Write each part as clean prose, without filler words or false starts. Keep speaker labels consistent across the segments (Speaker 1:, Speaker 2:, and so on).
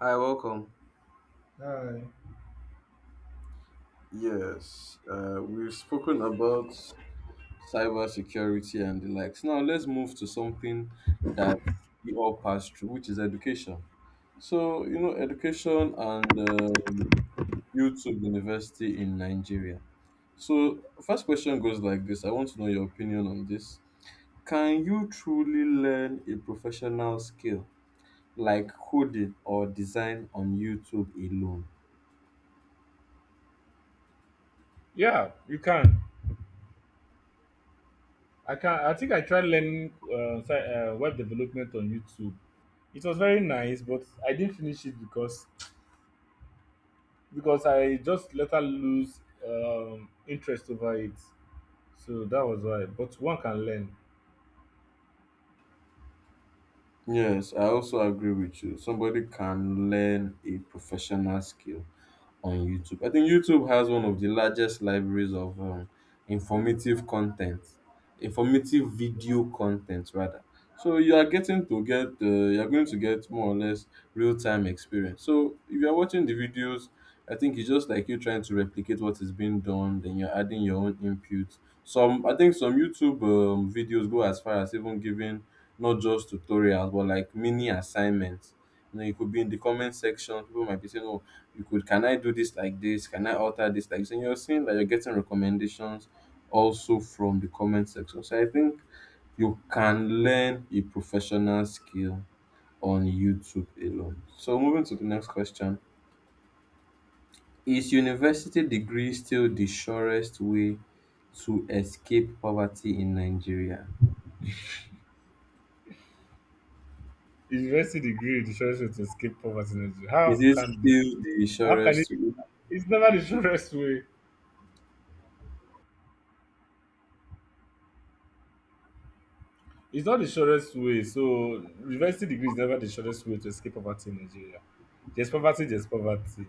Speaker 1: Hi, welcome.
Speaker 2: Uh,
Speaker 1: Yes, we've spoken about cybersecurity and the likes. Now let's move to something that we all pass through, which is education. Education and YouTube University in Nigeria. So first question goes like this: I want to know your opinion on this. Can you truly learn a professional skill like coding or design on YouTube alone?
Speaker 2: Yeah, you can. I can. I think I tried learning web development on YouTube. It was very nice, but I didn't finish it because I just into. So that why. But one can learn.
Speaker 1: Yes, I also agree with you. Somebody can learn a professional skill, on YouTube. I think YouTube has one of the largest libraries of informative content, informative video content rather. So you are going to get more or less real time experience. So if you are watching the videos, I think it's just like you trying to replicate what is being done, then you're adding your own input. I think some YouTube videos go as far as even giving not just tutorials but like mini assignments. It could be in the comment section. People might be saying, "Oh, you could can I do this like this? Can I alter this like this?" And you're seeing that you're getting recommendations also from the comment section. So I think you can learn a professional skill on YouTube alone. So moving to the next question. Is university degree still the surest way to escape poverty in Nigeria?
Speaker 2: University degree is the surest way to escape poverty in Nigeria.
Speaker 1: Is it still the
Speaker 2: How can it?
Speaker 1: surest way?
Speaker 2: It's never the surest way. It's not the shortest way. So university degree is never the shortest way to escape poverty in Nigeria. There's poverty, there's poverty.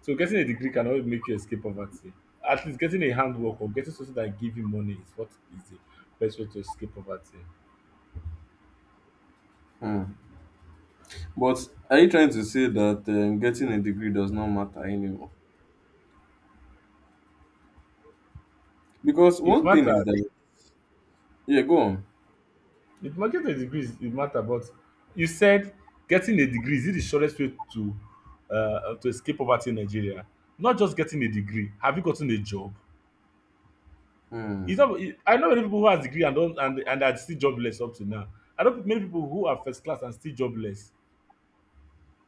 Speaker 2: So getting a degree can always make you escape poverty. At least getting a handwork or getting something that give you money is what is the best way to escape poverty.
Speaker 1: Hmm. But are you trying to say that getting a degree does not matter anymore? Because
Speaker 2: It
Speaker 1: one thing is
Speaker 2: matters.
Speaker 1: that, yeah, go on.
Speaker 2: Getting a degree it matter, but you said getting a degree is it the shortest way to escape poverty in Nigeria? Not just getting a degree. Have you gotten a job?
Speaker 1: Hmm.
Speaker 2: It's not. I know many people who has degree and don't and are still jobless up to now. I know many people who are first class and still jobless.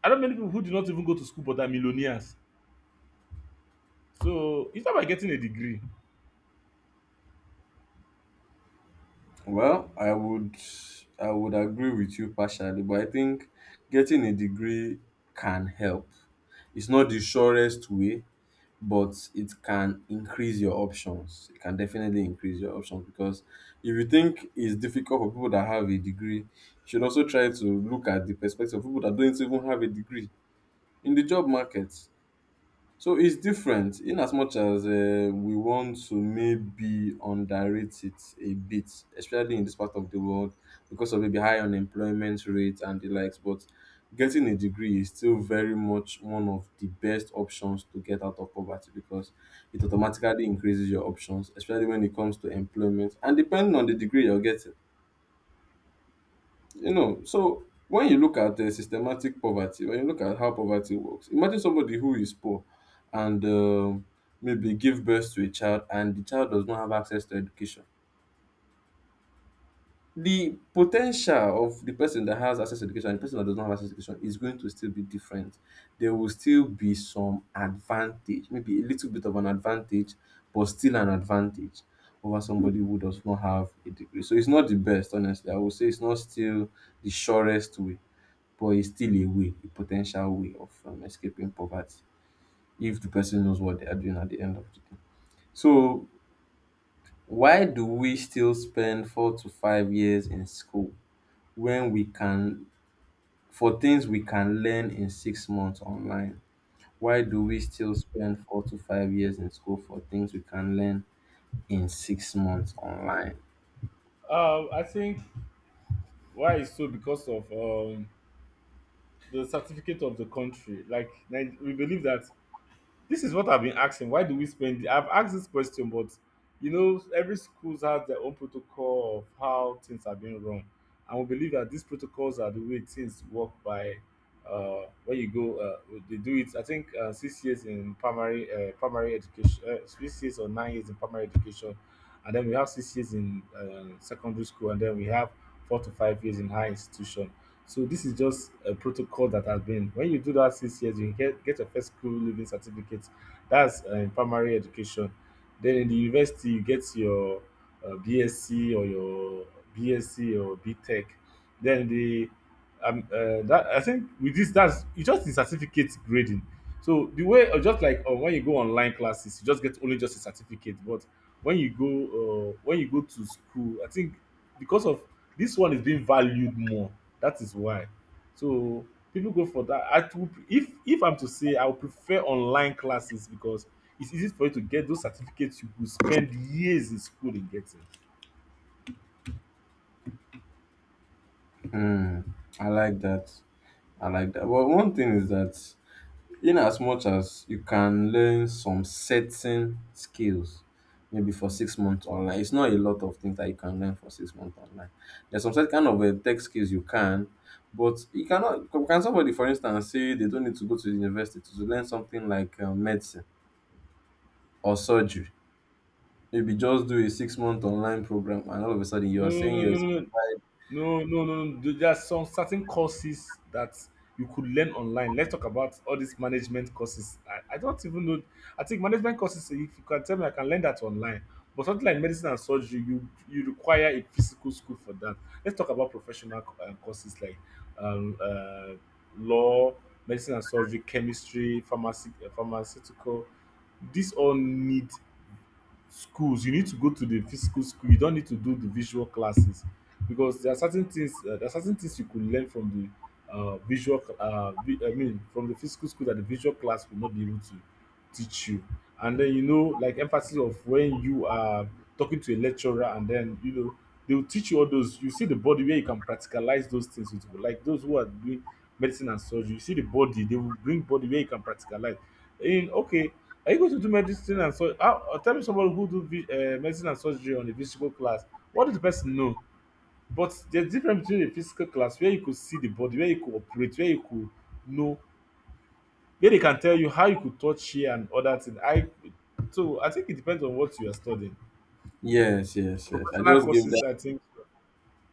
Speaker 2: I know many people who did not even go to school but are millionaires. So it's not by getting a degree.
Speaker 1: Well, I would agree with you partially, but I think getting a degree can help. It's not the surest way, but it can increase your options. It can definitely increase your options because if you think it's difficult for people that have a degree, you should also try to look at the perspective of people that don't even have a degree in the job market. So it's different in as much as we want to maybe underrate it a bit, especially in this part of the world because of maybe high unemployment rate and the likes. But getting a degree is still very much one of the best options to get out of poverty because it automatically increases your options, especially when it comes to employment. And depending on the degree you're getting, so when you look at systematic poverty, when you look at how poverty works, imagine somebody who is poor and maybe give birth to a child and the child does not have access to education. The potential of the person that has access to education and the person that does not have access to education is going to still be different. There will still be some advantage, maybe a little bit of an advantage, but still an advantage over somebody who does not have a degree. So it's not the best. Honestly, I would say it's not still the surest way, but it's still a way, a potential way of escaping poverty if the person knows what they are doing at the end of the day. So why do we still spend 4 to 5 years in school when we can for things we can learn in 6 months online? Why do we still spend 4 to 5 years in school for things we can learn in 6 months online?
Speaker 2: I think why it's so because of the certificate of the country. We believe that. This is what I've been asking. Why do we spend? I've asked this question, but every schools has their own protocol of how things are being run, and we believe that these protocols are the way things work by. When you go, they do it. I think 6 years in primary, primary education, 6 years or 9 years in primary education, and then we have 6 years in secondary school, and then we have 4 to 5 years in high institution. So this is just a protocol that has been. When you do that 6 years, you get your first school leaving certificate. That's in primary education. Then in the university, you get your uh, BSc or your BSc or BTech. Then the that I think with this, that's you just the certificate grading. So the way, or just like when you go online classes, you just get only just a certificate. But when you go to school, I think because of this one is being valued more. That is why. So people go for that. I would, if I'm to say, I would prefer online classes because it's easy for you to get those certificates you could spend years in school in getting.
Speaker 1: Hmm, I like that. I like that. Well, one thing is that in as much as you can learn some certain skills maybe for 6 months online, it's not a lot of things that you can learn for 6 months online. There's some certain kind of tech skills you can, but you cannot. Can somebody, for instance, say they don't need to go to university to learn something like medicine or surgery, maybe just do a 6-month online program, and all of a sudden you
Speaker 2: No,
Speaker 1: are saying
Speaker 2: no,
Speaker 1: you're...
Speaker 2: no, no, no, no, no, no, no. There are some certain courses that you could learn online. Let's talk about all these management courses. I don't even know. I think management courses. If you can tell me, I can learn that online. But something like medicine and surgery, you require a physical school for that. Let's talk about professional courses like um, uh, law, medicine and surgery, chemistry, pharmacy, pharmaceutical. These all need schools. You need to go to the physical school. You don't need to do the visual classes because there are certain things you could learn from the visual I mean from the physical school that the visual class will not be able to teach you. And then like emphasis of when you are talking to a lecturer, and then they will teach you all those. You see the body where you can practicalize those things with people, like those who are doing medicine and surgery. You see the body. They will bring body where you can practicalize in. Okay. Are you going to do medicine and so? Tell me someone who do medicine and surgery on a physical class. What did the person know? But there's difference between a physical class where you could see the body, where you could operate, where you could know, where they can tell you how you could touch here and other things. I So I think it depends on what you are studying.
Speaker 1: Yes, yes, yes, yes, i
Speaker 2: Professional
Speaker 1: just gave
Speaker 2: courses, I think.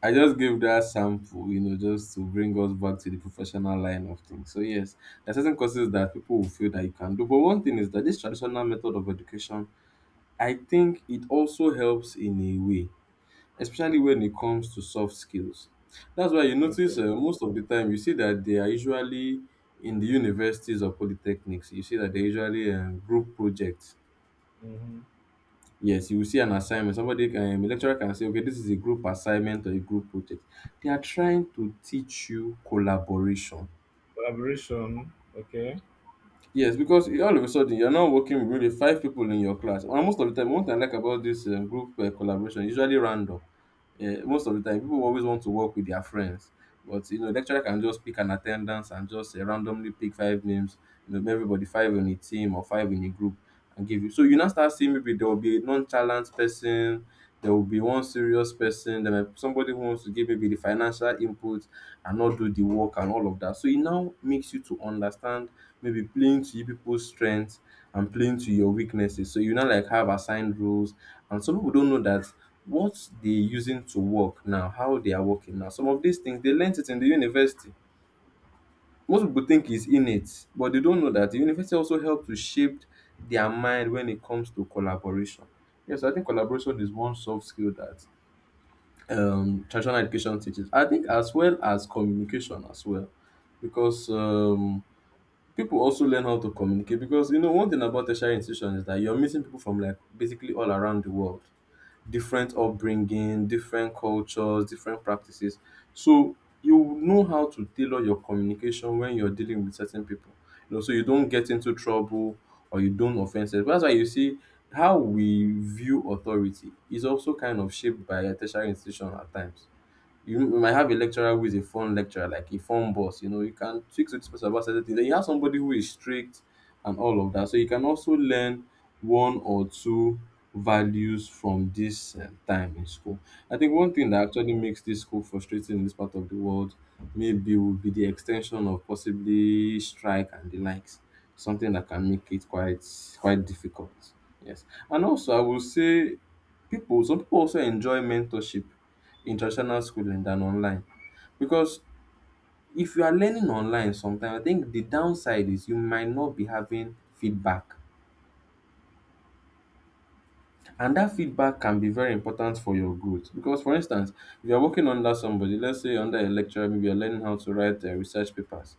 Speaker 1: I just gave that sample, you know, just to bring us back to the professional line of things. So yes, there are certain courses that people will feel that you can do. But one thing is that this traditional method of education, I think it also helps in a way, especially when it comes to soft skills. That's why you notice
Speaker 2: Okay.
Speaker 1: most of the time you see that they are usually in the universities or polytechnics. You see that they are usually group projects.
Speaker 2: Hmm.
Speaker 1: Yes, you will see an assignment. Somebody A lecturer can say, okay, this is a group assignment or a group project. They are trying to teach you collaboration.
Speaker 2: Collaboration. Okay.
Speaker 1: Yes, because all of a sudden you're not working with really five people in your class. And most of the time, one thing I like about this group collaboration, usually random. Most of the time, people always want to work with their friends, but you know, lecturer can just pick an attendance and just randomly pick five names. You know, everybody five in a team or five in a group, and give you. So you now start seeing maybe there will be a nonchalant person, there will be one serious person, there might be somebody who wants to give maybe the financial input and not do the work and all of that. So it now makes you to understand maybe playing to you people's strengths and playing to your weaknesses. So you now like have assigned roles, and some people don't know that what they're using to work now, how they are working now. Some of these things they learnt it in the university. Most people think is innate, but they don't know that the university also helps to shape their mind when it comes to collaboration. Yes, I think collaboration is one soft skill that traditional education teaches. I think as well as communication as well, because people also learn how to communicate, because one thing about tertiary institutions is that you're meeting people from like basically all around the world, different upbringing, different cultures, different practices. So you know how to tailor your communication when you're dealing with certain people. So you don't get into trouble or you don't offend yourself. That's why you see how we view authority is also kind of shaped by a tertiary institution at times. You might have a lecturer who is a fun lecturer, like a fun boss. You know, you can speak to this person about certain things. Then you have somebody who is strict and all of that. So you can also learn one or two values from this time in school. I think one thing that actually makes this school frustrating in this part of the world maybe would be the extension of possibly strike and the likes. Something that can make it quite quite difficult. Yes. And also I will say people some people also enjoy mentorship in traditional schooling than online, because if you are learning online sometimes, I think the downside is you might not be having feedback, and that feedback can be very important for your growth. Because for instance, if you're working under somebody, let's say under a lecturer, maybe you're learning how to write research papers,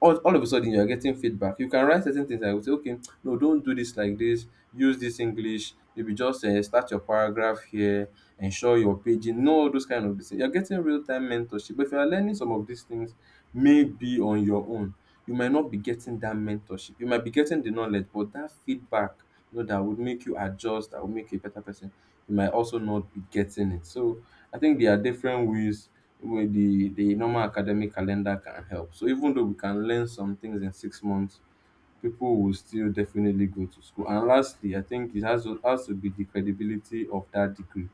Speaker 1: all of a sudden you are getting feedback. You can write certain things I would say, okay, no, don't do this like this. Use this English. Maybe just start your paragraph here. Ensure your paging. No, those kind of things. You're getting real time mentorship. But if you are learning some of these things, maybe on your own, you might not be getting that mentorship. You might be getting the knowledge, but that feedback, you know, that would make you adjust, that would make you a better person. You might also not be getting it. So I think there are different ways where the normal academic calendar can help. So even though we can learn some things in 6 months, people will still definitely go to school. And lastly, I think it has to be the credibility of that degree,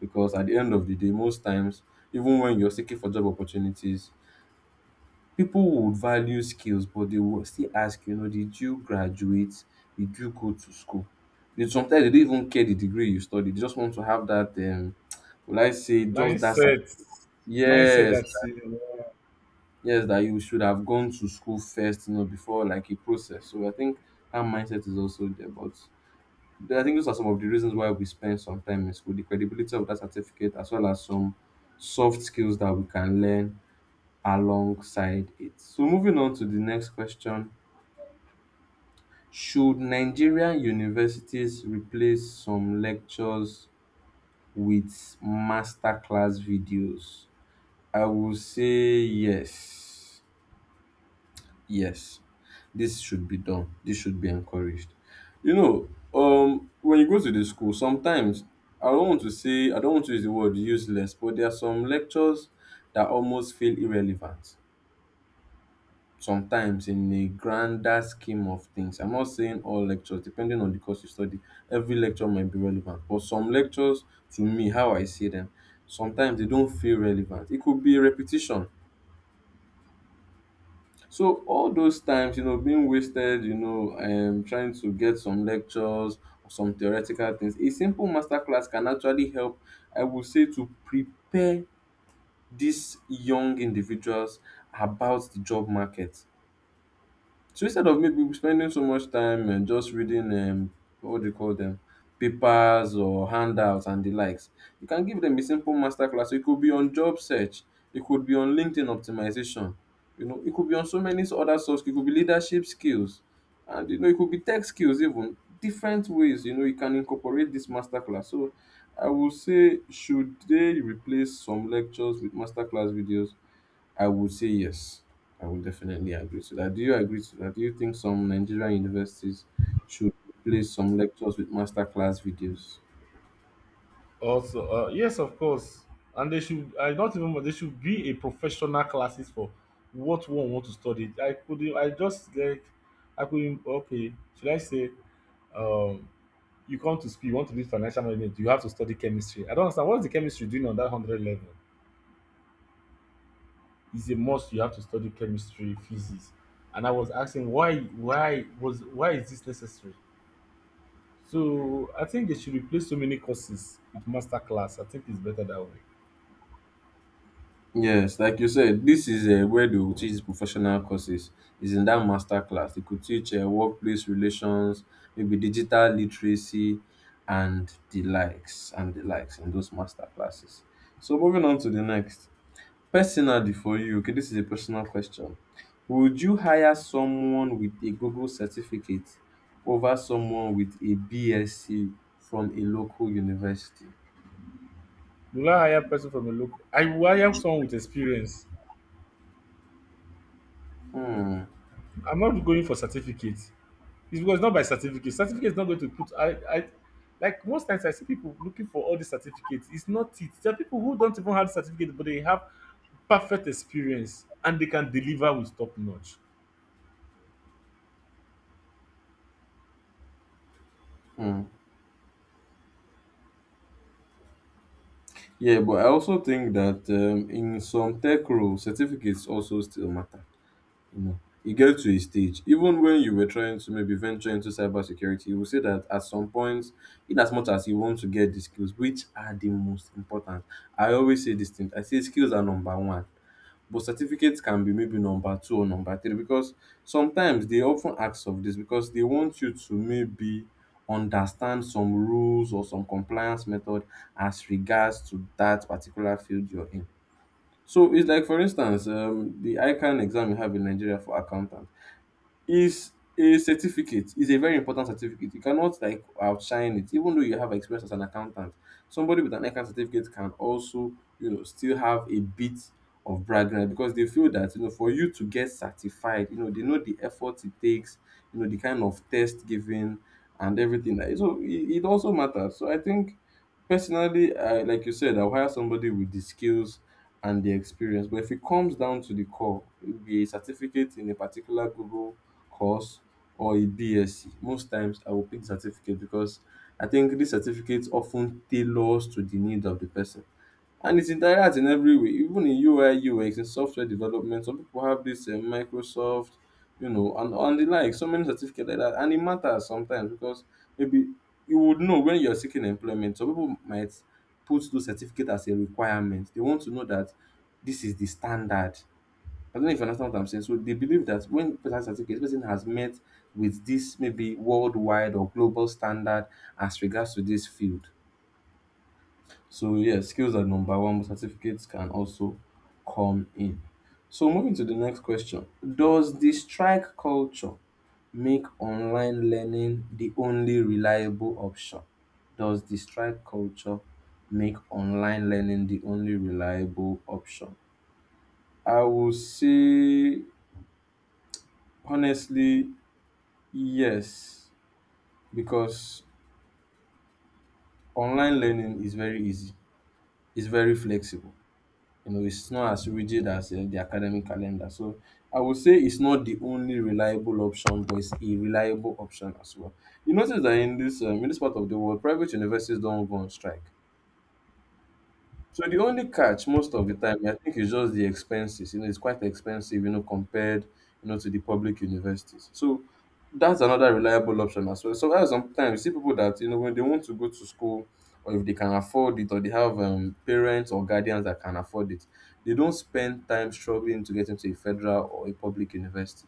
Speaker 1: because at the end of the day, most times, even when you're seeking for job opportunities, people would value skills, but they will still ask, you know, did you graduate? Did you go to school? They sometimes they don't even care the degree you study. They just want to have that will I say just that
Speaker 2: Mindset. Mindset.
Speaker 1: yes,
Speaker 2: That's it.
Speaker 1: yes, that you should have gone to school first, you know, before, like a process. So I think that mindset is also there. But I think those are some of the reasons why we spend some time in school: the credibility of that certificate, as well as some soft skills that we can learn alongside it. So moving on to the next question: should Nigerian universities replace some lectures with masterclass videos? I will say yes. Yes, this should be done. This should be encouraged. You know, when you go to the school, sometimes I don't want to say, I don't want to use the word useless, but there are some lectures that almost feel irrelevant. Sometimes in the grander scheme of things, I'm not saying all lectures, depending on the course you study, every lecture might be relevant. But some lectures, to me, how I see them, sometimes they don't feel relevant. It could be repetition. So all those times, being wasted, trying to get some lectures or some theoretical things, a simple masterclass can actually help, I would say, to prepare these young individuals about the job market. So instead of maybe spending so much time and just reading what do you call them, papers or handouts and the likes, you can give them a simple masterclass. So it could be on job search, it could be on LinkedIn optimization, you know, it could be on so many other sources. It could be leadership skills, and you know, it could be tech skills even. Different ways, you know, you can incorporate this masterclass. So I would say, should they replace some lectures with masterclass videos? I would say yes. I would definitely agree to that. Do you agree to that? Do you think some Nigerian universities should replace some lectures with masterclass videos?
Speaker 2: Also, yes, of course. And they should, I don't even, they should be a professional classes for what one want to study. I could, I just like, I could, okay, should I say, um, you come to school, you want to do financial management, you have to study chemistry. I don't understand. What's the chemistry doing on that 100 level? It's a must. You have to study chemistry, physics. And I was asking why is this necessary? So I think they should replace so many courses with master class. I think it's better that way.
Speaker 1: Yes, like you said, this is where they will teach professional courses. Is in that master class. They could teach workplace relations, maybe digital literacy, and the likes in those master classes. So moving on to the next. Personally for you, okay, this is a personal question. Would you hire someone with a Google certificate over someone with a BSc from a local university?
Speaker 2: Will I hire person from a local? I will hire someone with experience.
Speaker 1: Hmm.
Speaker 2: I'm not going for certificate. It's because not by certificate. Certificate is not going to put. I like most times I see people looking for all the certificates. It's not it. There are people who don't even have certificate, but they have perfect experience and they can deliver with top notch.
Speaker 1: Hmm. Yeah, but I also think that in some tech roles, certificates also still matter. Know, e get to a stage, even when you were trying to maybe venture into cybersecurity, you will say that at some point, in as much as you want to get the skills, which are the most important. I always say this thing. I say skills are number one, but certificates can be maybe number two or number three, because sometimes they often ask of this because they want you to maybe understand some rules or some compliance method as regards to that particular field you're in. So it's like, for instance, the ICANN exam you have in Nigeria for accountant is a certificate, is a very important certificate. You cannot like outshine it even though you have experience as an accountant. Somebody with an account certificate can also, you know, still have a bit of brag right because they feel that, you know, for you to get certified, you know, they know the effort it takes, you know, the kind of test given and everything. Like so it also matters. So I think personally, I like you said, I'll hire somebody with the skills and the experience. But if it comes down to the core, it will be a certificate in a particular Google course or a BSc. Most times, I will pick the certificate because I think this certificate often tailors to the need of the person and it's interacts in every way, even in ui ux, in software development. Some people have this microsoft, you know, and the like. So many certificate like that, and it matters sometimes because maybe you would know when you're seeking employment some people might put those certificate as a requirement. They want to know that this is the standard. I don't know if you understand what I'm saying. So they believe that when person has certificate, this person has met with this maybe worldwide or global standard as regards to this field. So yeah, skills are number one, but certificates can also come in. So moving to the next question. Does the strike culture make online learning the only reliable option? Does the strike culture make online learning the only reliable option? I will say honestly, yes, because online learning is very easy, it's very flexible. You know, it's not as rigid as the academic calendar. So I would say it's not the only reliable option, but it's a reliable option as well. You notice that in this part of the world, private universities don't go on strike. So the only catch most of the time, I think, is just the expenses. You know, it's quite expensive, you know, compared, you know, to the public universities. So that's another reliable option as well. So that's sometimes you see people that, you know, when they want to go to school or if they can afford it or they have parents or guardians that can afford it, they don't spend time struggling to get into a federal or a public university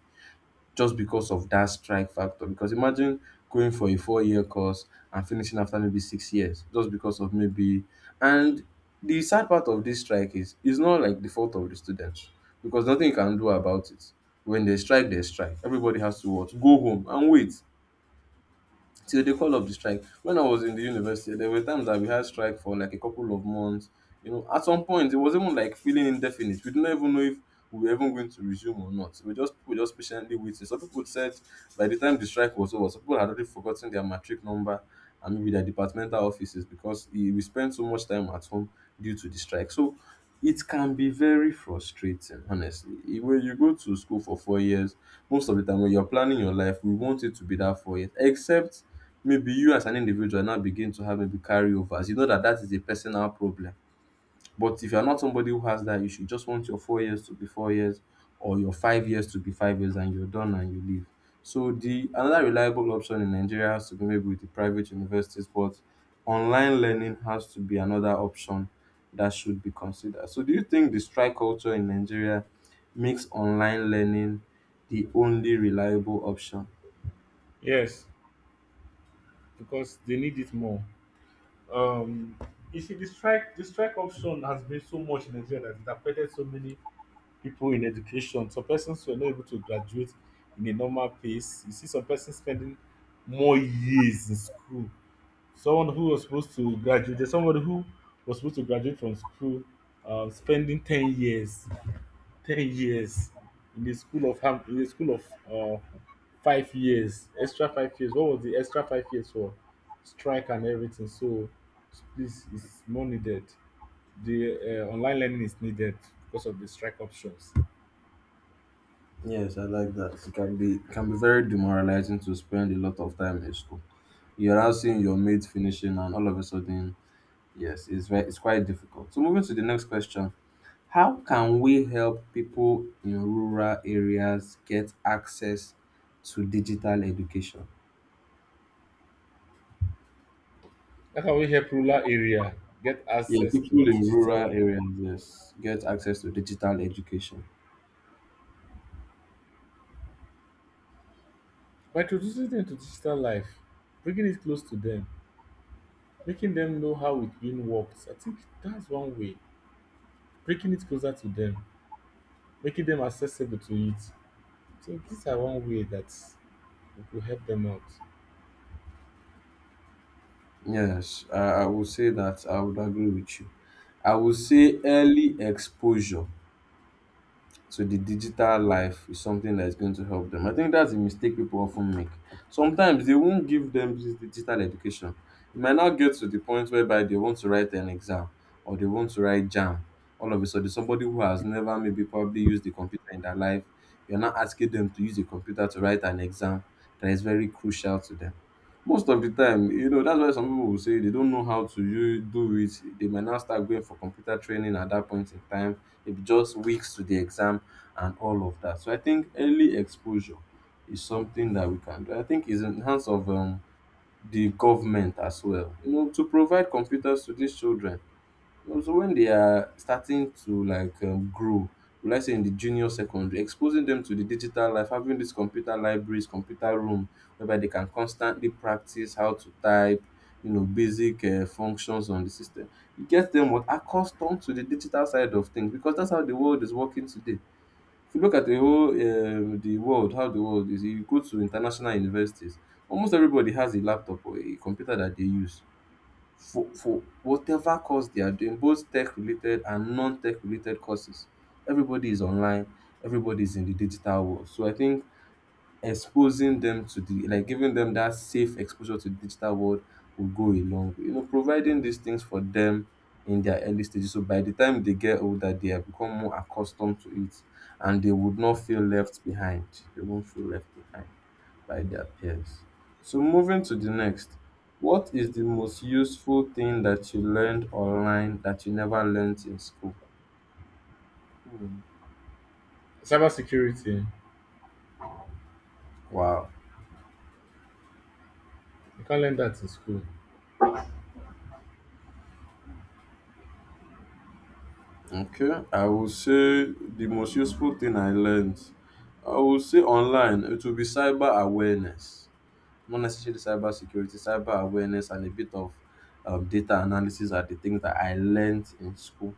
Speaker 1: just because of that strike factor. Because imagine going for a 4 year course and finishing after maybe 6 years just because of maybe. And the sad part of this strike is it's not like the fault of the students, because nothing you can do about it. When they strike, they strike. Everybody has to what? Go home and wait till they call up the strike. When I was in the university, there were times that we had strike for like a couple of months. You know, at some point it was even like feeling indefinite. We didn't even know if we were even going to resume or not. We just patiently waiting. Some people said by the time the strike was over, some people had already forgotten their matric number and maybe their departmental offices because eh, we spent so much time at home due to the strike. So it can be very frustrating honestly. When you go to school for 4 years, most of the time when you're planning your life, we want it to be that 4 years, except maybe you as an individual now begin to have maybe carryovers. You know that that is a personal problem. But if you're not somebody who has that issue, you just want your 4 years to be 4 years or your 5 years to be 5 years and you're done and you leave. So the another reliable option in Nigeria has to be maybe with the private universities, but online learning has to be another option that should be considered. So do you think the strike culture in Nigeria makes online learning the only reliable option?
Speaker 2: Yes, because they need it more. Um, you see, the strike option has been so much in Nigeria that it affected so many people in education. Some persons were not able to graduate in a normal pace. You see some persons spending more years in school. Someone who was supposed to graduate, there's somebody who was supposed to graduate from school, spending 10 years, 10 years in the school of ham, in the school of uh, 5 years, extra 5 years. What was the extra 5 years for? Strike and everything. So this is more needed. The online learning is needed because of the strike options.
Speaker 1: Yes, I like that. It can be very demoralizing to spend a lot of time in school. You're now seeing your mates finishing and all of a sudden. Yes, it's very, it's quite difficult. So moving to the next question, how can we help people in rural areas get access to digital education?
Speaker 2: That's how can we help rural area get
Speaker 1: Yeah,
Speaker 2: access to
Speaker 1: people in
Speaker 2: digital
Speaker 1: rural areas, yes, get access to digital education.
Speaker 2: by introducing them to digital life, bringing it close to them, making them know how it being works. I think that's one way. Bringing it closer to them, making them accessible to it. I think these are one way that we could help them out.
Speaker 1: Yes, I will say that I would agree with you. I would say early exposure to the digital life is something that is going to help them. I think that's a mistake people often make. Sometimes they won't give them this digital education. It might not get to the point whereby they want to write an exam or they want to write jam. All of a sudden, somebody who has never maybe probably used the computer in their life, you're now asking them to use a computer to write an exam that is very crucial to them. Most of the time, you know, that's why some people will say they don't know how to you do it. They might now start going for computer training at that point in time. Maybe just weeks to the exam and all of that. So I think early exposure is something that we can do. I think is in the hands of the government as well. You know, to provide computers to these children no, so when they are starting to like grow, will I say in the junior secondary, exposing them to the digital life, having these computer libraries, computer room, whereby they can constantly practice how to type, you know, basic functions on the system. It gets them what accustomed to the digital side of things because that's how the world is working today. If you look at the whole the world, how the world is, you go to international universities, almost everybody has a laptop or a computer that they use for whatever course they are doing, both tech related and non-tech related courses. Everybody is online, everybody is in the digital world. So I think exposing them to the like giving them that safe exposure to the digital world will go a long way. You know, providing these things for them in their early stages. So by the time they get older, they have become more accustomed to it and they would not feel left behind. They won't feel left behind by their peers. So moving to the next. What is the most useful thing that you learned online that you never learned in school? Hmm.
Speaker 2: Cyber security,
Speaker 1: Wow.
Speaker 2: you can't learn that in school.
Speaker 1: Okay, I would say the most useful thing I learned, I would say online, it will be cyber awareness, not necessarily cyber security, cyber awareness, and a bit of data analysis are the things that I learned in school,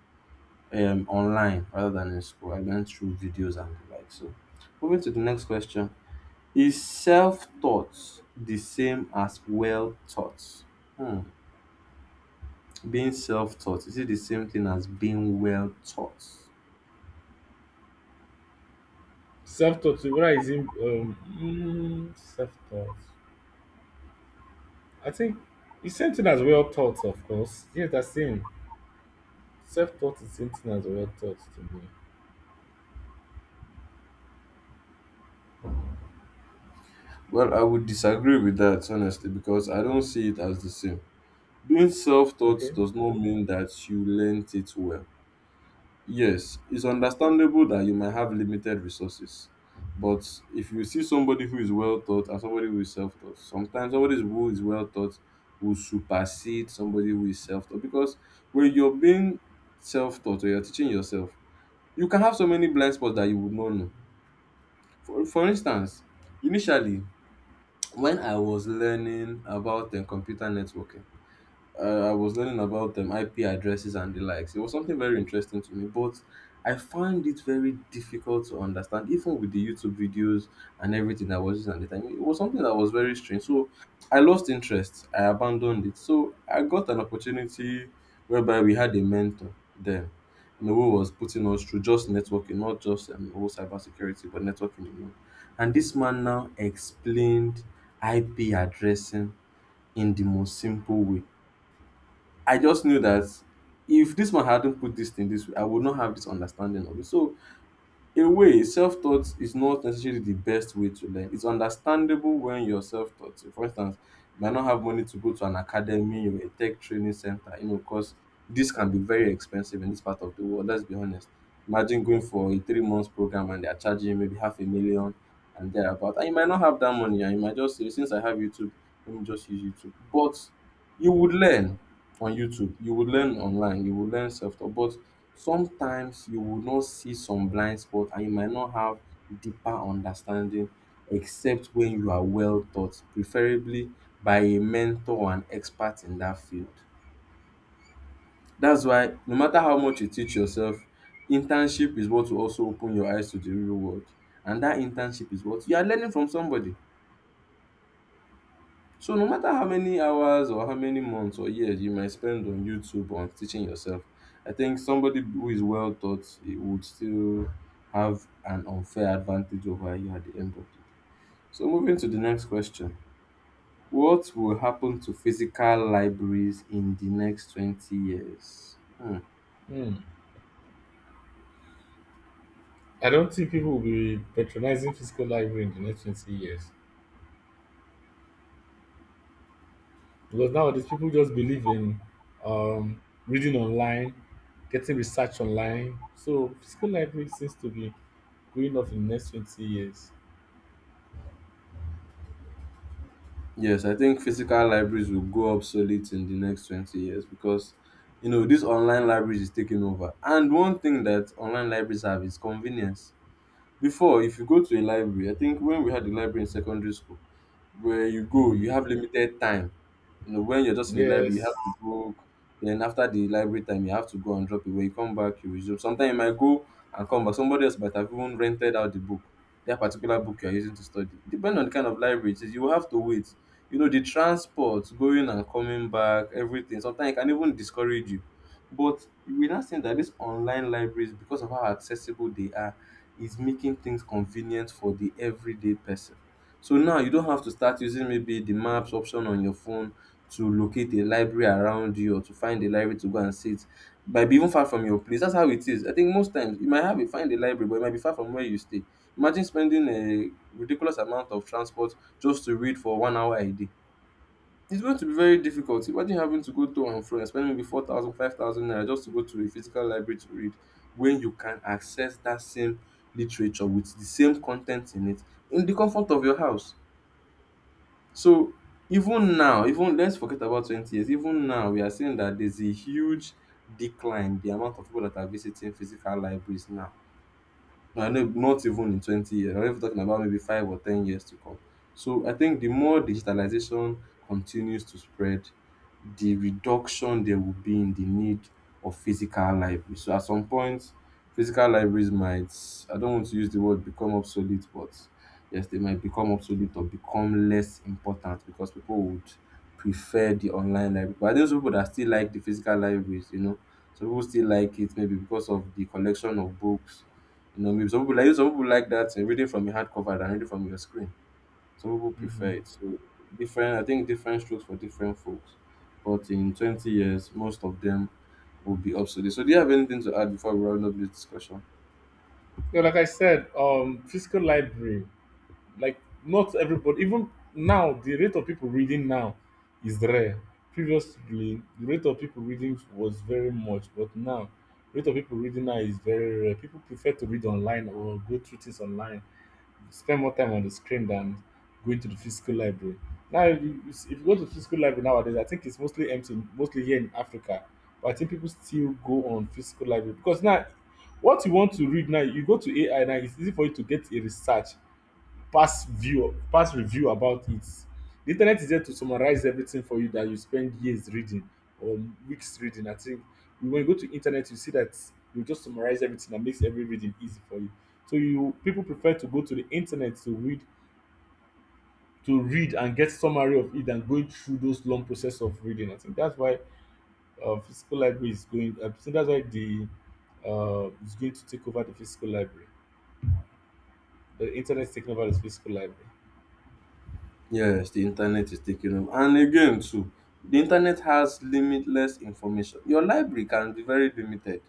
Speaker 1: online rather than in school. I learned through videos and the like. So, moving to the next question. Is self taught the same as well taught? Hmm. Being self taught, is it the same thing as being well taught?
Speaker 2: Self taught, whether it's in self taught. I think it's same thing as well taught, of course. Yes, that's same. Self taught is same thing as well taught to me.
Speaker 1: Well, I would disagree with that honestly because I don't see it as the same. Being self taught
Speaker 2: Okay.
Speaker 1: does not mean that you learnt it well. Yes, it's understandable that you might have limited resources, but if you see somebody who is well taught and somebody who is self taught, sometimes somebody who is well taught will supersede somebody who is self taught because when you're being self taught or you're teaching yourself, you can have so many blind spots that you would not know. For instance, initially, when I was learning about computer networking, I was learning about them IP addresses and the likes. It was something very interesting to me, but I found it very difficult to understand, even with the YouTube videos and everything I was using at the time. It was something that was very strange. So I lost interest. I abandoned it. So I got an opportunity whereby we had a mentor then, you know, who was putting us through just networking, not just whole cybersecurity, but networking alone. And this man now explained IP addressing in the most simple way. I just knew that if this man hadn't put this thing this way, I would not have this understanding of it. So, in a way, self taught is not necessarily the best way to learn. It's understandable when you're self taught. For instance, you might not have money to go to an academy or a tech training center, you know, because this can be very expensive in this part of the world. Let's be honest. Imagine going for a 3 months program and they're charging you maybe half a million and thereabout. And you might not have that money and you might just say, since I have YouTube, let me just use YouTube. But you would learn on YouTube, you would learn online, you would learn self taught, but sometimes you will not see some blind spot and you might not have deeper understanding except when you are well taught, preferably by a mentor or an expert in that field. That's why no matter how much you teach yourself, internship is what will also open your eyes to the real world. And that internship is what you are learning from somebody. So no matter how many hours or how many months or years you might spend on YouTube or on teaching yourself, I think somebody who is well taught it would still have an unfair advantage over you at the end of the day. So moving to the next question. What will happen to physical libraries in the next 20 years? Hmm.
Speaker 2: Hmm. I don't think people will be patronizing physical library in the next 20 years because nowadays people just believe in um, reading online, getting research online. So physical library seems to be going off in the next 20 years.
Speaker 1: Yes, I think physical libraries will go obsolete in the next 20 years because you know this online libraries is taking over. And one thing that online libraries have is convenience. Before, if you go to a library, I think when we had a library in secondary school where you go,
Speaker 2: Hmm.
Speaker 1: you have limited time. You know, when you're just in the library, you have
Speaker 2: Yes.
Speaker 1: to book. Then after the library time, you have to go and drop it. When you come back, you resume. Sometimes you might go and come back. Somebody else might have even rented out the book, that particular book you're using to study. Depending on the kind of library it is, you will have to wait. You know, the transport, going and coming back, everything. Sometimes it can even discourage you. But we're not saying that these online libraries, because of how accessible they are, is making things convenient for the everyday person. So now you don't have to start using maybe the maps option on your phone to locate a library around you or to find a library to go and sit. Might be even far from your place. That's how it is. I think most times you might have a find a library, but it might be far from where you stay. Imagine spending a ridiculous amount of transport just to read for 1 hour a day. It's going to be very difficult. Imagine having to go to and fro and spending maybe 4,000, 5,000 naira just to go to a physical library to read when you can access that same literature with the same content in it in the comfort of your house. So even now, even let's forget about 20 years, even now we are seeing that there's a huge decline the amount of people that are visiting physical libraries now. No, no, not even in 20 years. I'm even talking about maybe 5 or 10 years to come. So I think the more digitalization continues to spread, the reduction there will be in the need of physical libraries. So at some point, physical libraries might, I don't want to use the word become obsolete, but yes, they might become obsolete or become less important because people would prefer the online library. But there's people that still like the physical libraries, you know. Some people still like it maybe because of the collection of books, you know, maybe Some people like that reading from a hardcover than reading from your screen. Some people prefer
Speaker 2: Hmm.
Speaker 1: it. So different. I think different strokes for different folks. But in 20 years, most of them will be obsolete. So do you have anything to add before we round up this discussion?
Speaker 2: Yeah, like I said, physical library. Like not everybody. Even now the rate of people reading now is rare. Previously the rate of people reading was very much, but now rate of people reading now is very rare. People prefer to read online or go through things online, spend more time on the screen than going to the physical library. Now if you go to the physical library nowadays I think it's mostly empty, mostly here in Africa. But I think people still go on physical library because now what you want to read now you go to AI. Now it's easy for you to get a research, past view, past review about it. The internet is there to summarize everything for you that you spend years reading or weeks reading. I think when you go to internet, you see that you just summarize everything and makes every reading easy for you. So you people prefer to go to the internet to read, and get summary of it than going through those long process of reading. I think that's why physical library is going. I think that's why the is going to take over the physical library. The internet is taking over the physical library.
Speaker 1: Yes, the internet is taking them. And again, too, the internet has limitless information. Your library can be very limited.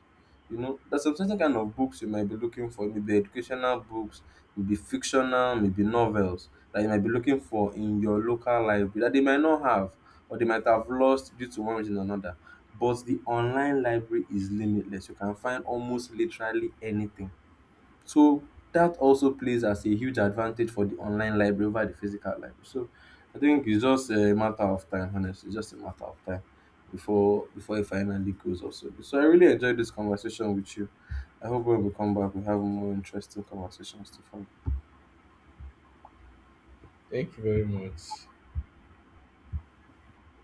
Speaker 1: You know, there's some certain kind of books you might be looking for, maybe educational books, maybe fictional, maybe novels that you might be looking for in your local library that they might not have or they might have lost due to one reason or another. But the online library is limitless. You can find almost literally anything. So that also plays as a huge advantage for the online library over the physical library. So I think it's just a matter of time, honestly. It's just a matter of time before it finally goes off. So I really enjoyed this conversation with you. I hope when we come back we have more interesting conversations to follow.
Speaker 2: Thank you very much.